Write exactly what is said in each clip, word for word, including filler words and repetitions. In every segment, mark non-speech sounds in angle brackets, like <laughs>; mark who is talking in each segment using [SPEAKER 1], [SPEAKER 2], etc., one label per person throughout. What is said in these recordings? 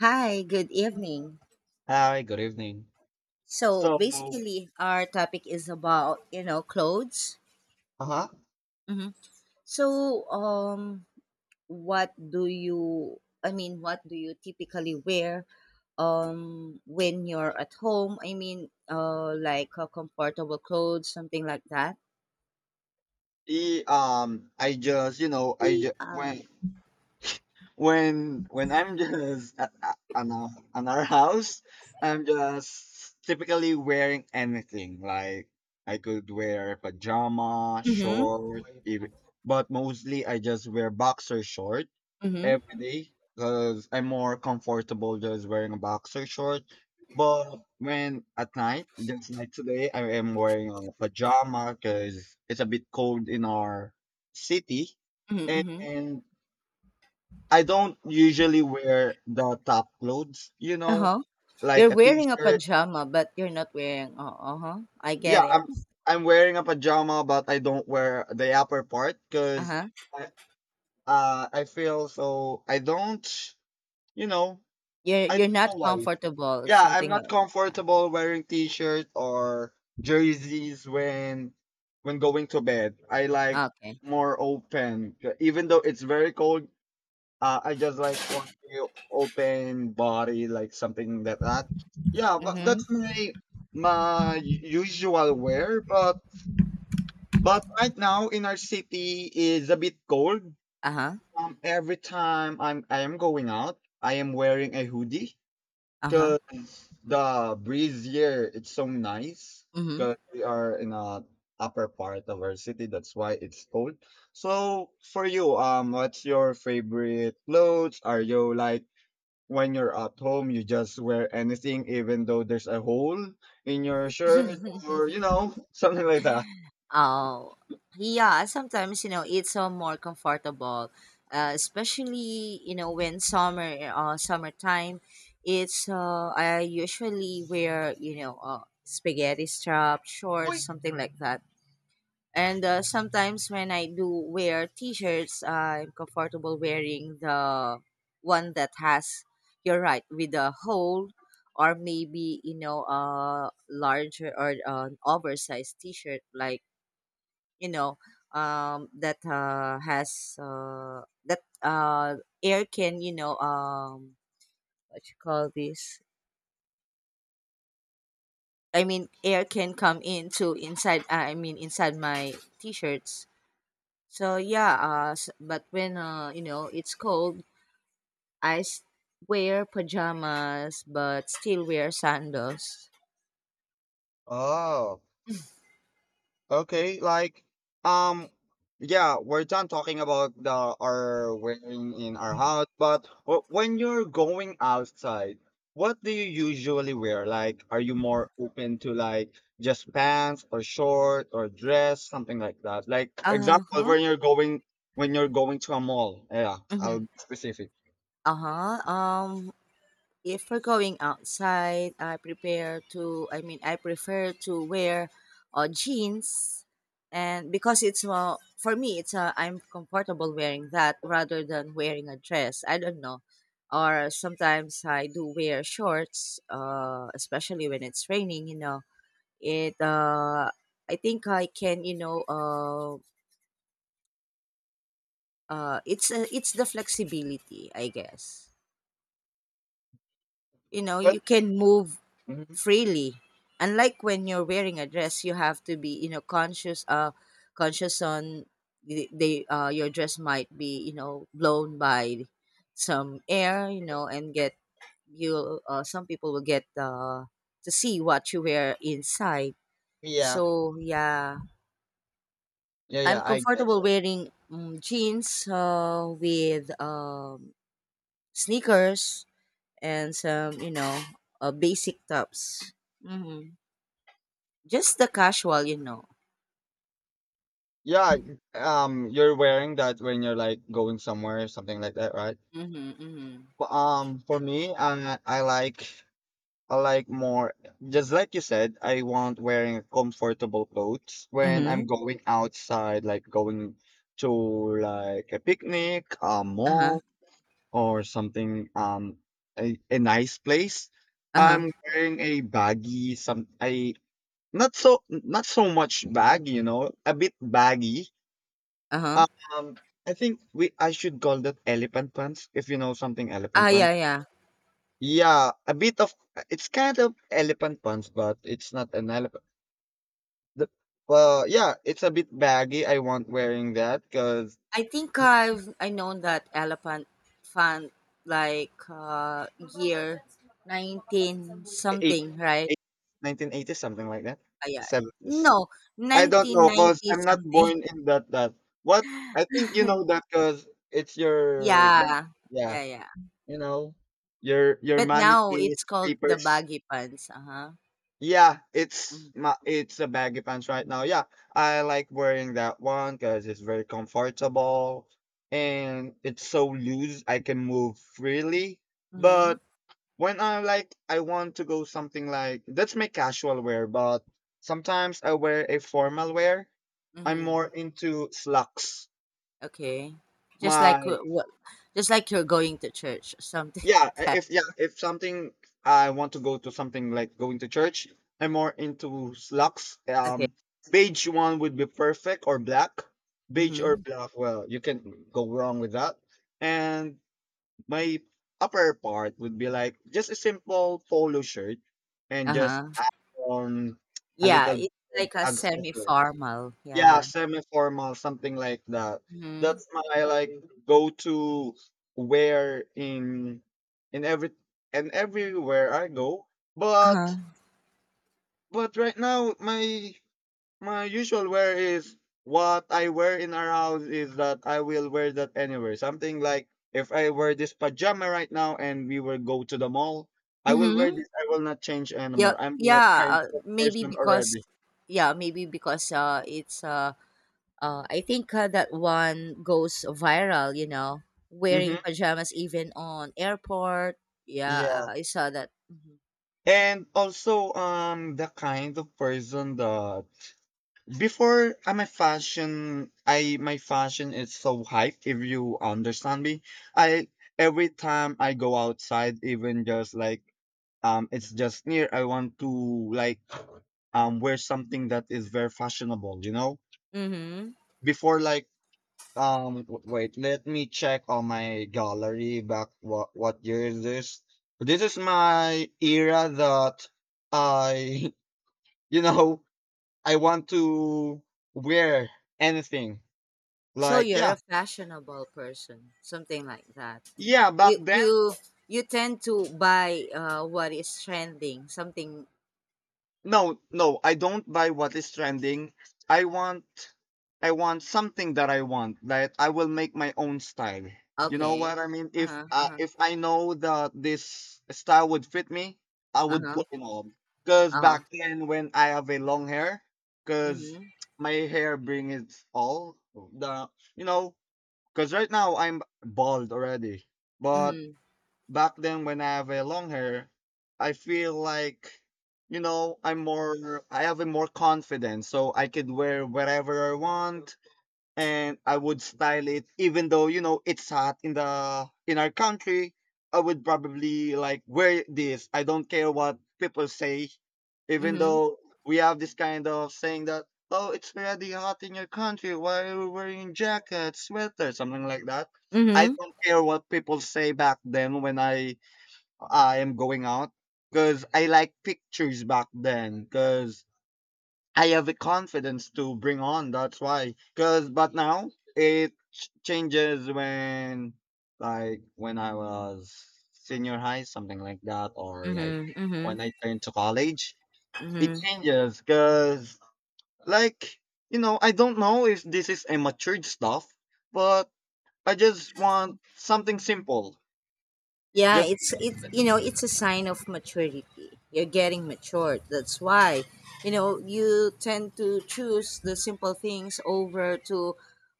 [SPEAKER 1] Hi, good evening.
[SPEAKER 2] Hi, good evening.
[SPEAKER 1] So
[SPEAKER 2] So.
[SPEAKER 1] basically, our topic is about you know clothes.
[SPEAKER 2] Uh-huh.
[SPEAKER 1] hmm So um, what do you? I mean, what do you typically wear um when you're at home? I mean, uh, like uh, comfortable clothes, something like that.
[SPEAKER 2] he um I just you know I just
[SPEAKER 1] Yeah.
[SPEAKER 2] when when when I'm <laughs> just at, at an our, an our house. I'm just typically wearing anything like. I could wear pajama
[SPEAKER 1] Mhm.
[SPEAKER 2] shorts even, but mostly I just wear boxer shorts
[SPEAKER 1] Mhm.
[SPEAKER 2] every day because I'm more comfortable just wearing a boxer short. But when at night, just like today, I am wearing a pajama because it's a bit cold in our city.
[SPEAKER 1] Mhm. Mhm.
[SPEAKER 2] And I don't usually wear the top clothes, you
[SPEAKER 1] Uh
[SPEAKER 2] know,
[SPEAKER 1] huh. You're
[SPEAKER 2] like a
[SPEAKER 1] wearing a
[SPEAKER 2] t-shirt.
[SPEAKER 1] pajama, but you're not wearing. Uh huh. I
[SPEAKER 2] Yeah,
[SPEAKER 1] get it.
[SPEAKER 2] I'm I'm wearing a pajama, but I don't wear the upper part
[SPEAKER 1] Uh
[SPEAKER 2] because
[SPEAKER 1] huh.
[SPEAKER 2] I uh I feel so I don't, you know,
[SPEAKER 1] You're
[SPEAKER 2] I
[SPEAKER 1] you're
[SPEAKER 2] don't know
[SPEAKER 1] not
[SPEAKER 2] why.
[SPEAKER 1] comfortable.
[SPEAKER 2] Yeah, I'm
[SPEAKER 1] Something
[SPEAKER 2] not
[SPEAKER 1] like that. Yeah.
[SPEAKER 2] comfortable wearing t-shirt or jerseys when when going to bed. I like
[SPEAKER 1] Okay.
[SPEAKER 2] more open. Even though it's very cold, uh, I just like for the open body, like something like that. Yeah, but that's
[SPEAKER 1] Mhm.
[SPEAKER 2] my my usual wear. But but right now in our city is a bit cold.
[SPEAKER 1] Uh-huh.
[SPEAKER 2] Um, every time I'm I am going out, I am wearing a hoodie.
[SPEAKER 1] Uh-huh.
[SPEAKER 2] The breeze here, it's so nice
[SPEAKER 1] Mhm.
[SPEAKER 2] because we are in a upper part of our city. That's why it's cold. So for you, um, what's your favorite clothes? Are you like when you're at home, you just wear anything, even though there's a hole in your shirt, or you know, <laughs> something like that?
[SPEAKER 1] Oh, yeah. Sometimes you know it's uh, more comfortable, uh, especially you know when summer, uh, summertime. It's uh, I usually wear you know uh, spaghetti strap shorts,
[SPEAKER 2] Wait.
[SPEAKER 1] something like that. And uh, sometimes when I do wear t-shirts, I'm comfortable wearing the one that has, you're right, with a hole or maybe, you know, a larger or an oversized t-shirt like, you know, um, that uh, has, uh, that uh, air can, you know, um, what you call this? I mean, air can come into inside, I mean, inside my t-shirts. So yeah, uh, s- but when uh, you know it's cold, I s- wear pajamas but still wear sandals.
[SPEAKER 2] Oh, okay, like um yeah, we're done talking about the our wearing in our house, but w- when you're going outside, what do you usually wear? Like are you more open to like just pants or short or dress, something like that? Like for
[SPEAKER 1] Uh
[SPEAKER 2] example,
[SPEAKER 1] huh.
[SPEAKER 2] when you're going when you're going to a mall. Yeah, I'll
[SPEAKER 1] Mm-hmm.
[SPEAKER 2] be specific.
[SPEAKER 1] Uh huh. Um, if we're going outside, I prepare to I mean I prefer to wear uh, jeans and because it's uh, for me it's uh, I'm comfortable wearing that rather than wearing a dress. I don't know. Or sometimes I do wear shorts uh, especially when it's raining, you know. It uh, I think I can, you know, uh, uh, it's uh, it's the flexibility, I guess. You know,
[SPEAKER 2] But.
[SPEAKER 1] you can move
[SPEAKER 2] Mhm.
[SPEAKER 1] freely. Unlike when you're wearing a dress, you have to be you know conscious uh conscious on the, they uh your dress might be you know blown by some air you know and get you uh, some people will get uh to see what you wear inside.
[SPEAKER 2] Yeah.
[SPEAKER 1] So yeah,
[SPEAKER 2] Yeah,
[SPEAKER 1] I'm
[SPEAKER 2] yeah, I get
[SPEAKER 1] comfortable
[SPEAKER 2] it.
[SPEAKER 1] wearing um, jeans uh, with um, sneakers and some you know uh, basic tops. hmm Just the casual, you know.
[SPEAKER 2] Yeah, um you're wearing that when you're like going somewhere, something like that, right?
[SPEAKER 1] Mhm, mhm.
[SPEAKER 2] But, Um, for me, uh, I like I like more, just like you said, I want wearing comfortable clothes when
[SPEAKER 1] Mm-hmm.
[SPEAKER 2] I'm going outside, like going to like a picnic, a
[SPEAKER 1] Uh-huh.
[SPEAKER 2] mall, or something, um, a, a nice place.
[SPEAKER 1] Uh-huh.
[SPEAKER 2] I'm wearing a baggy, some I not so not so much baggy, you know, a bit baggy.
[SPEAKER 1] Uh-huh.
[SPEAKER 2] Um, I think we I should call that elephant pants. If you know something, elephant
[SPEAKER 1] Ah,
[SPEAKER 2] pants,
[SPEAKER 1] yeah, yeah.
[SPEAKER 2] yeah, a bit of It's kind of elephant pants, but it's not an elephant. The, well, yeah, it's a bit baggy. I want wearing that because
[SPEAKER 1] I think I've I know that elephant fan like uh year nineteen
[SPEAKER 2] eight,
[SPEAKER 1] something, right?
[SPEAKER 2] eight, nineteen eighties, something like that.
[SPEAKER 1] Ah yeah. Yeah.
[SPEAKER 2] seventies.
[SPEAKER 1] No,
[SPEAKER 2] I don't
[SPEAKER 1] nineteen
[SPEAKER 2] know because
[SPEAKER 1] ninety
[SPEAKER 2] I'm not
[SPEAKER 1] something.
[SPEAKER 2] born
[SPEAKER 1] <laughs>
[SPEAKER 2] in that. That what I think you know that because it's your, birth-
[SPEAKER 1] Yeah.
[SPEAKER 2] Yeah,
[SPEAKER 1] Yeah, yeah.
[SPEAKER 2] you know, your your
[SPEAKER 1] But
[SPEAKER 2] money
[SPEAKER 1] now
[SPEAKER 2] is
[SPEAKER 1] it's called the
[SPEAKER 2] papers.
[SPEAKER 1] baggy pants. Uh huh.
[SPEAKER 2] Yeah, it's
[SPEAKER 1] Mm-hmm.
[SPEAKER 2] my it's a baggy pants right now. Yeah, I like wearing that one because it's very comfortable and it's so loose I can move freely. But when I like I want to go something like that's my casual wear, but sometimes I wear a formal wear. I'm
[SPEAKER 1] Mm-hmm.
[SPEAKER 2] more into slacks.
[SPEAKER 1] Okay. Just like
[SPEAKER 2] My.
[SPEAKER 1] what? Just like you're going to church, or something. <laughs>
[SPEAKER 2] Yeah, I-
[SPEAKER 1] Like that.
[SPEAKER 2] if yeah, if something I want to go to something like going to church, I'm more into slacks.
[SPEAKER 1] Okay.
[SPEAKER 2] Um, beige one would be perfect or black. Beige or
[SPEAKER 1] Mm-hmm.
[SPEAKER 2] black, well, you can go wrong with that. And my upper part would be like just a simple polo shirt and
[SPEAKER 1] Uh
[SPEAKER 2] just
[SPEAKER 1] huh.
[SPEAKER 2] add on a
[SPEAKER 1] Yeah,
[SPEAKER 2] little
[SPEAKER 1] it's like a
[SPEAKER 2] accessory.
[SPEAKER 1] semi-formal,
[SPEAKER 2] Yeah,
[SPEAKER 1] yeah.
[SPEAKER 2] semi-formal, something like that.
[SPEAKER 1] Mhm.
[SPEAKER 2] That's my like go-to wear in in every and everywhere I go.
[SPEAKER 1] Uh-huh.
[SPEAKER 2] But but right now my my usual wear is what I wear in our house is that I will wear that anywhere. Something like if I wear this pajama right now and we will go to the mall, I will wear
[SPEAKER 1] Mhm.
[SPEAKER 2] this. I will not change
[SPEAKER 1] Yeah,
[SPEAKER 2] anymore. I'm that
[SPEAKER 1] yeah,
[SPEAKER 2] kind
[SPEAKER 1] uh,
[SPEAKER 2] of
[SPEAKER 1] maybe
[SPEAKER 2] person
[SPEAKER 1] because
[SPEAKER 2] already.
[SPEAKER 1] yeah, maybe because, uh, it's, uh, uh, I think, uh, that one goes viral, you know, wearing
[SPEAKER 2] Mm-hmm.
[SPEAKER 1] pajamas even on airport. Yeah,
[SPEAKER 2] Yeah.
[SPEAKER 1] uh, I saw that. Mhm.
[SPEAKER 2] And also, um, the kind of person that before I'm a fashion, I my fashion is so hype. If you understand me, I every time I go outside, even just like, um, it's just near. I want to like um wear something that is very fashionable. You know,
[SPEAKER 1] Mhm.
[SPEAKER 2] before like um w- wait, let me check on my gallery back. What what year is this? This is my era that I <laughs> you know, I want to wear anything.
[SPEAKER 1] So
[SPEAKER 2] Like,
[SPEAKER 1] you're
[SPEAKER 2] yeah,
[SPEAKER 1] a fashionable person, something like that.
[SPEAKER 2] yeah, back
[SPEAKER 1] You
[SPEAKER 2] then,
[SPEAKER 1] you you tend to buy, uh, what is trending, something
[SPEAKER 2] no, no, I don't buy what is trending. I want, I want something that I want. Like, I will make my own style. You know
[SPEAKER 1] okay.
[SPEAKER 2] what I mean? If
[SPEAKER 1] Uh-huh,
[SPEAKER 2] uh,
[SPEAKER 1] uh-huh.
[SPEAKER 2] if I know that this style would fit me, I would
[SPEAKER 1] Uh-huh,
[SPEAKER 2] put it on. Cause
[SPEAKER 1] uh-huh.
[SPEAKER 2] back then, when I have a long hair, cause
[SPEAKER 1] Mhm,
[SPEAKER 2] my hair brings it all the you know Because right now I'm bald already. But
[SPEAKER 1] mhm,
[SPEAKER 2] back then when I have a long hair, I feel like, you know, I'm more, I have a more confidence. So I could wear whatever I want and I would style it even though you know it's hot in the in our country. I would probably like wear this. I don't care what people say, even
[SPEAKER 1] mhm,
[SPEAKER 2] though we have this kind of saying that, oh, it's already hot in your country, why are you wearing jackets, sweaters, something like that. I
[SPEAKER 1] mhm,
[SPEAKER 2] don't care what people say back then when I I am going out because I like pictures back then because I have the confidence to bring on. That's why. Cause but now it ch- changes when like when I was senior high, something like that, or like
[SPEAKER 1] mhm, mhm,
[SPEAKER 2] when I turned to college. It
[SPEAKER 1] mhm.
[SPEAKER 2] changes because like you know I don't know if this is a matured stuff, but I just want something simple.
[SPEAKER 1] Yeah,
[SPEAKER 2] Just.
[SPEAKER 1] it's it's you know it's a sign of maturity. You're getting matured. That's why, you know, you tend to choose the simple things over to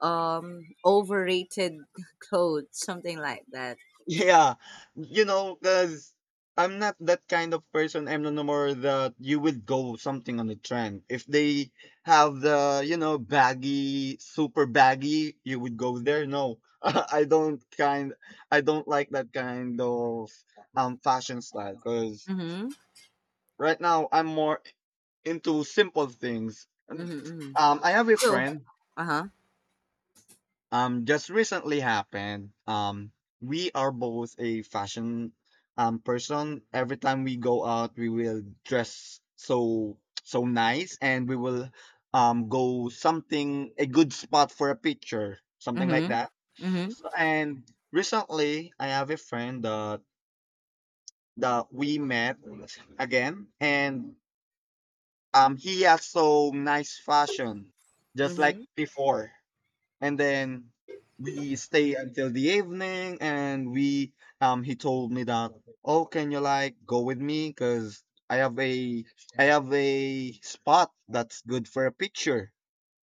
[SPEAKER 1] um overrated <laughs> clothes, something like that.
[SPEAKER 2] Yeah, you know, because I'm not that kind of person. I'm no more that you would go something on the trend. If they have the, you know, baggy, super baggy, you would go there. No, <laughs> I don't kind, I don't like that kind of um fashion style. Because
[SPEAKER 1] Mhm,
[SPEAKER 2] right now I'm more into simple things. And,
[SPEAKER 1] mhm, mhm.
[SPEAKER 2] Um, I have a
[SPEAKER 1] So,
[SPEAKER 2] friend,
[SPEAKER 1] uh huh,
[SPEAKER 2] um just recently happened. Um we are both a fashion um person. Every time we go out we will dress so so nice and we will um go something a good spot for a picture, something like
[SPEAKER 1] mhm,
[SPEAKER 2] that.
[SPEAKER 1] mhm,
[SPEAKER 2] So, and recently I have a friend that that we met again, and um he has so nice fashion, just like
[SPEAKER 1] mhm,
[SPEAKER 2] before. And then we stay until the evening and we um he told me that, oh, can you like go with me because i have a I have a spot that's good for a picture,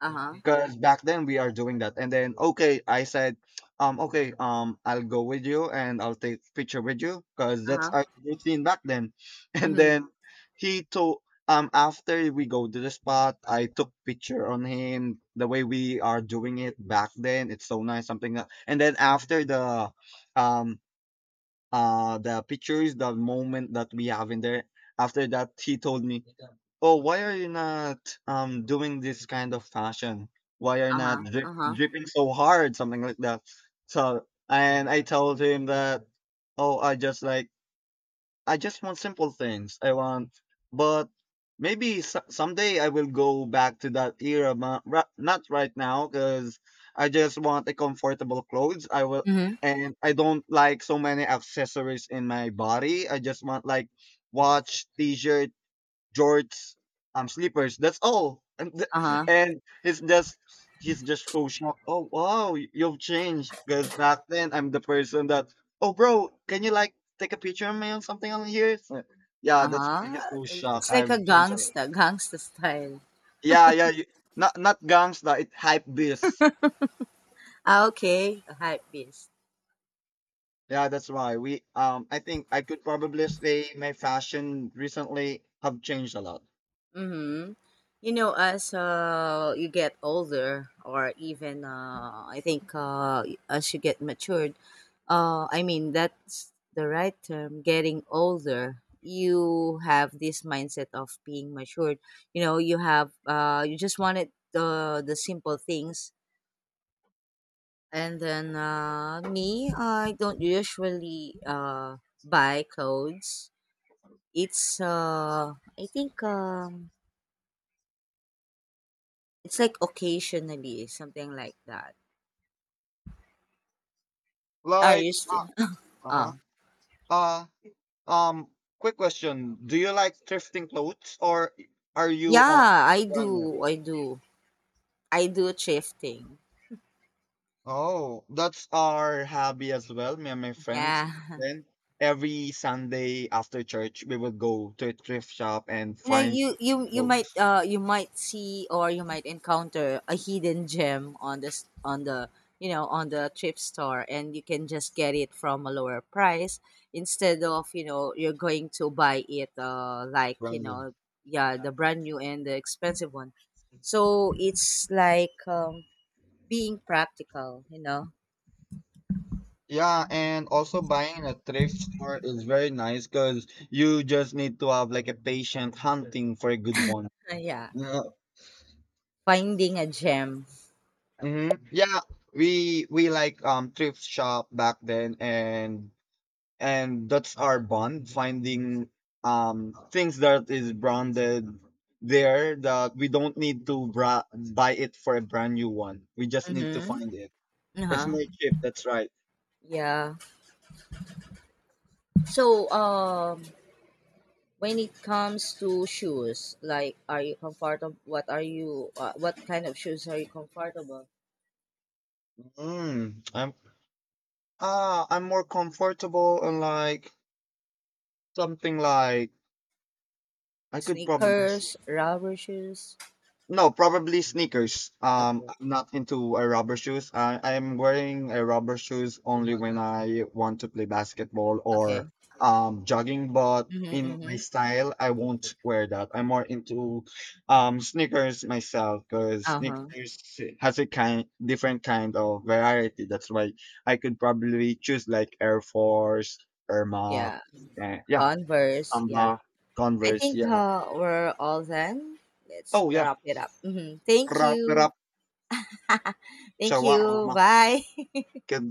[SPEAKER 1] uh huh,
[SPEAKER 2] because back then we are doing that. And then okay, I said, um, okay, um, I'll go with you and I'll take picture with you because
[SPEAKER 1] uh
[SPEAKER 2] that's our
[SPEAKER 1] huh,
[SPEAKER 2] routine back then. <laughs> And
[SPEAKER 1] mhm,
[SPEAKER 2] then he told, um after we go to the spot, I took picture on him the way we are doing it back then. It's so nice, something like that, and then after the, um uh the pictures, the moment that we have in there. After that he told me, oh, why are you not um doing this kind of fashion, why are you
[SPEAKER 1] uh
[SPEAKER 2] not
[SPEAKER 1] huh,
[SPEAKER 2] drip,
[SPEAKER 1] uh huh,
[SPEAKER 2] dripping so hard, something like that. So, and I told him that, oh, i just like I just want simple things. I want, but maybe so- someday I will go back to that era. ma- ra- Not right now, because I just want a comfortable clothes. I will,
[SPEAKER 1] mhm,
[SPEAKER 2] and I don't like so many accessories in my body. I just want like watch, t-shirt, jorts, um, slippers. That's all. And
[SPEAKER 1] uh
[SPEAKER 2] th-
[SPEAKER 1] huh.
[SPEAKER 2] and he's just he's just so shocked. Oh wow, y- you've changed. Because back then I'm the person that, oh bro, can you like take a picture of me or something on here? So, yeah, that's why
[SPEAKER 1] Uh-huh.
[SPEAKER 2] he's so
[SPEAKER 1] It-
[SPEAKER 2] shocked.
[SPEAKER 1] It's like a
[SPEAKER 2] I've changed a lot.
[SPEAKER 1] gangsta, gangsta style.
[SPEAKER 2] Yeah, yeah. You, not not gangsta. It hype beast.
[SPEAKER 1] Ah, okay. A hype beast.
[SPEAKER 2] Yeah, that's why we. Um, I think I could probably say my fashion recently have changed a lot.
[SPEAKER 1] Mm-hmm. You know, as uh, you get older, or even uh, I think uh, as you get matured, uh, I mean that's the right term. Getting older, you have this mindset of being matured. You know, you have uh, you just wanted the the simple things. And then uh, me, I don't usually uh, buy clothes. It's uh, I think um, it's like occasionally something like that. Are you
[SPEAKER 2] Like, uh
[SPEAKER 1] still?
[SPEAKER 2] huh.
[SPEAKER 1] Oh,
[SPEAKER 2] Uh, uh-huh. Um, quick question. Do you like thrifting clothes or are you on
[SPEAKER 1] yeah,
[SPEAKER 2] the
[SPEAKER 1] I
[SPEAKER 2] brand new?
[SPEAKER 1] do. I do. I do thrifting.
[SPEAKER 2] Oh, that's our hobby as well, me and my
[SPEAKER 1] <laughs>
[SPEAKER 2] friends.
[SPEAKER 1] Yeah.
[SPEAKER 2] Then every Sunday after church, we would go to a thrift shop and
[SPEAKER 1] You know,
[SPEAKER 2] find
[SPEAKER 1] you you you might
[SPEAKER 2] clothes.
[SPEAKER 1] uh you might see or you might encounter a hidden gem on this on the you know on the thrift store, and you can just get it from a lower price instead of you know you're going to buy it uh like you
[SPEAKER 2] Brand
[SPEAKER 1] know
[SPEAKER 2] new.
[SPEAKER 1] yeah the brand new and the expensive one. So it's like um, being practical, you know.
[SPEAKER 2] Yeah, and also buying in a thrift store is very nice because you just need to have like a patient hunting for a good one.
[SPEAKER 1] <laughs> Yeah,
[SPEAKER 2] Yeah.
[SPEAKER 1] finding a gem.
[SPEAKER 2] Hmm. Yeah, we we like um thrift shop back then, and and that's our bond finding um things that is branded there, that we don't need to bra- buy it for a brand new one, we just need to
[SPEAKER 1] Mm-hmm.
[SPEAKER 2] find it. It's
[SPEAKER 1] Uh-huh.
[SPEAKER 2] more cheap, that's right.
[SPEAKER 1] Yeah. So, um, when it comes to shoes, like are you comfortable? What are you? Uh, what kind of shoes are you comfortable?
[SPEAKER 2] mm, i'm ah i'm more comfortable and like something like I could probably.
[SPEAKER 1] Sneakers, rubber shoes.
[SPEAKER 2] No, probably sneakers. Um,
[SPEAKER 1] Okay.
[SPEAKER 2] I'm not into uh, rubber shoes. I I'm wearing a rubber shoes only when I want to play basketball or
[SPEAKER 1] Okay.
[SPEAKER 2] um jogging. But
[SPEAKER 1] Mm-hmm,
[SPEAKER 2] in my
[SPEAKER 1] mm-hmm.
[SPEAKER 2] style, I won't wear that. I'm more into um sneakers myself because
[SPEAKER 1] Uh huh.
[SPEAKER 2] sneakers has a kind different kind of variety. That's why I could probably choose like Air Force, Air Max,
[SPEAKER 1] Yeah.
[SPEAKER 2] uh, yeah,
[SPEAKER 1] Converse. Yeah.
[SPEAKER 2] Samba,
[SPEAKER 1] I
[SPEAKER 2] Converse,
[SPEAKER 1] think
[SPEAKER 2] yeah.
[SPEAKER 1] uh, we're all done. Let's
[SPEAKER 2] Oh yeah,
[SPEAKER 1] wrap it up. Mm-hmm. Thank
[SPEAKER 2] Rap,
[SPEAKER 1] you.
[SPEAKER 2] Rap,
[SPEAKER 1] <laughs> Thank you.
[SPEAKER 2] Shawarma.
[SPEAKER 1] Bye.
[SPEAKER 2] Could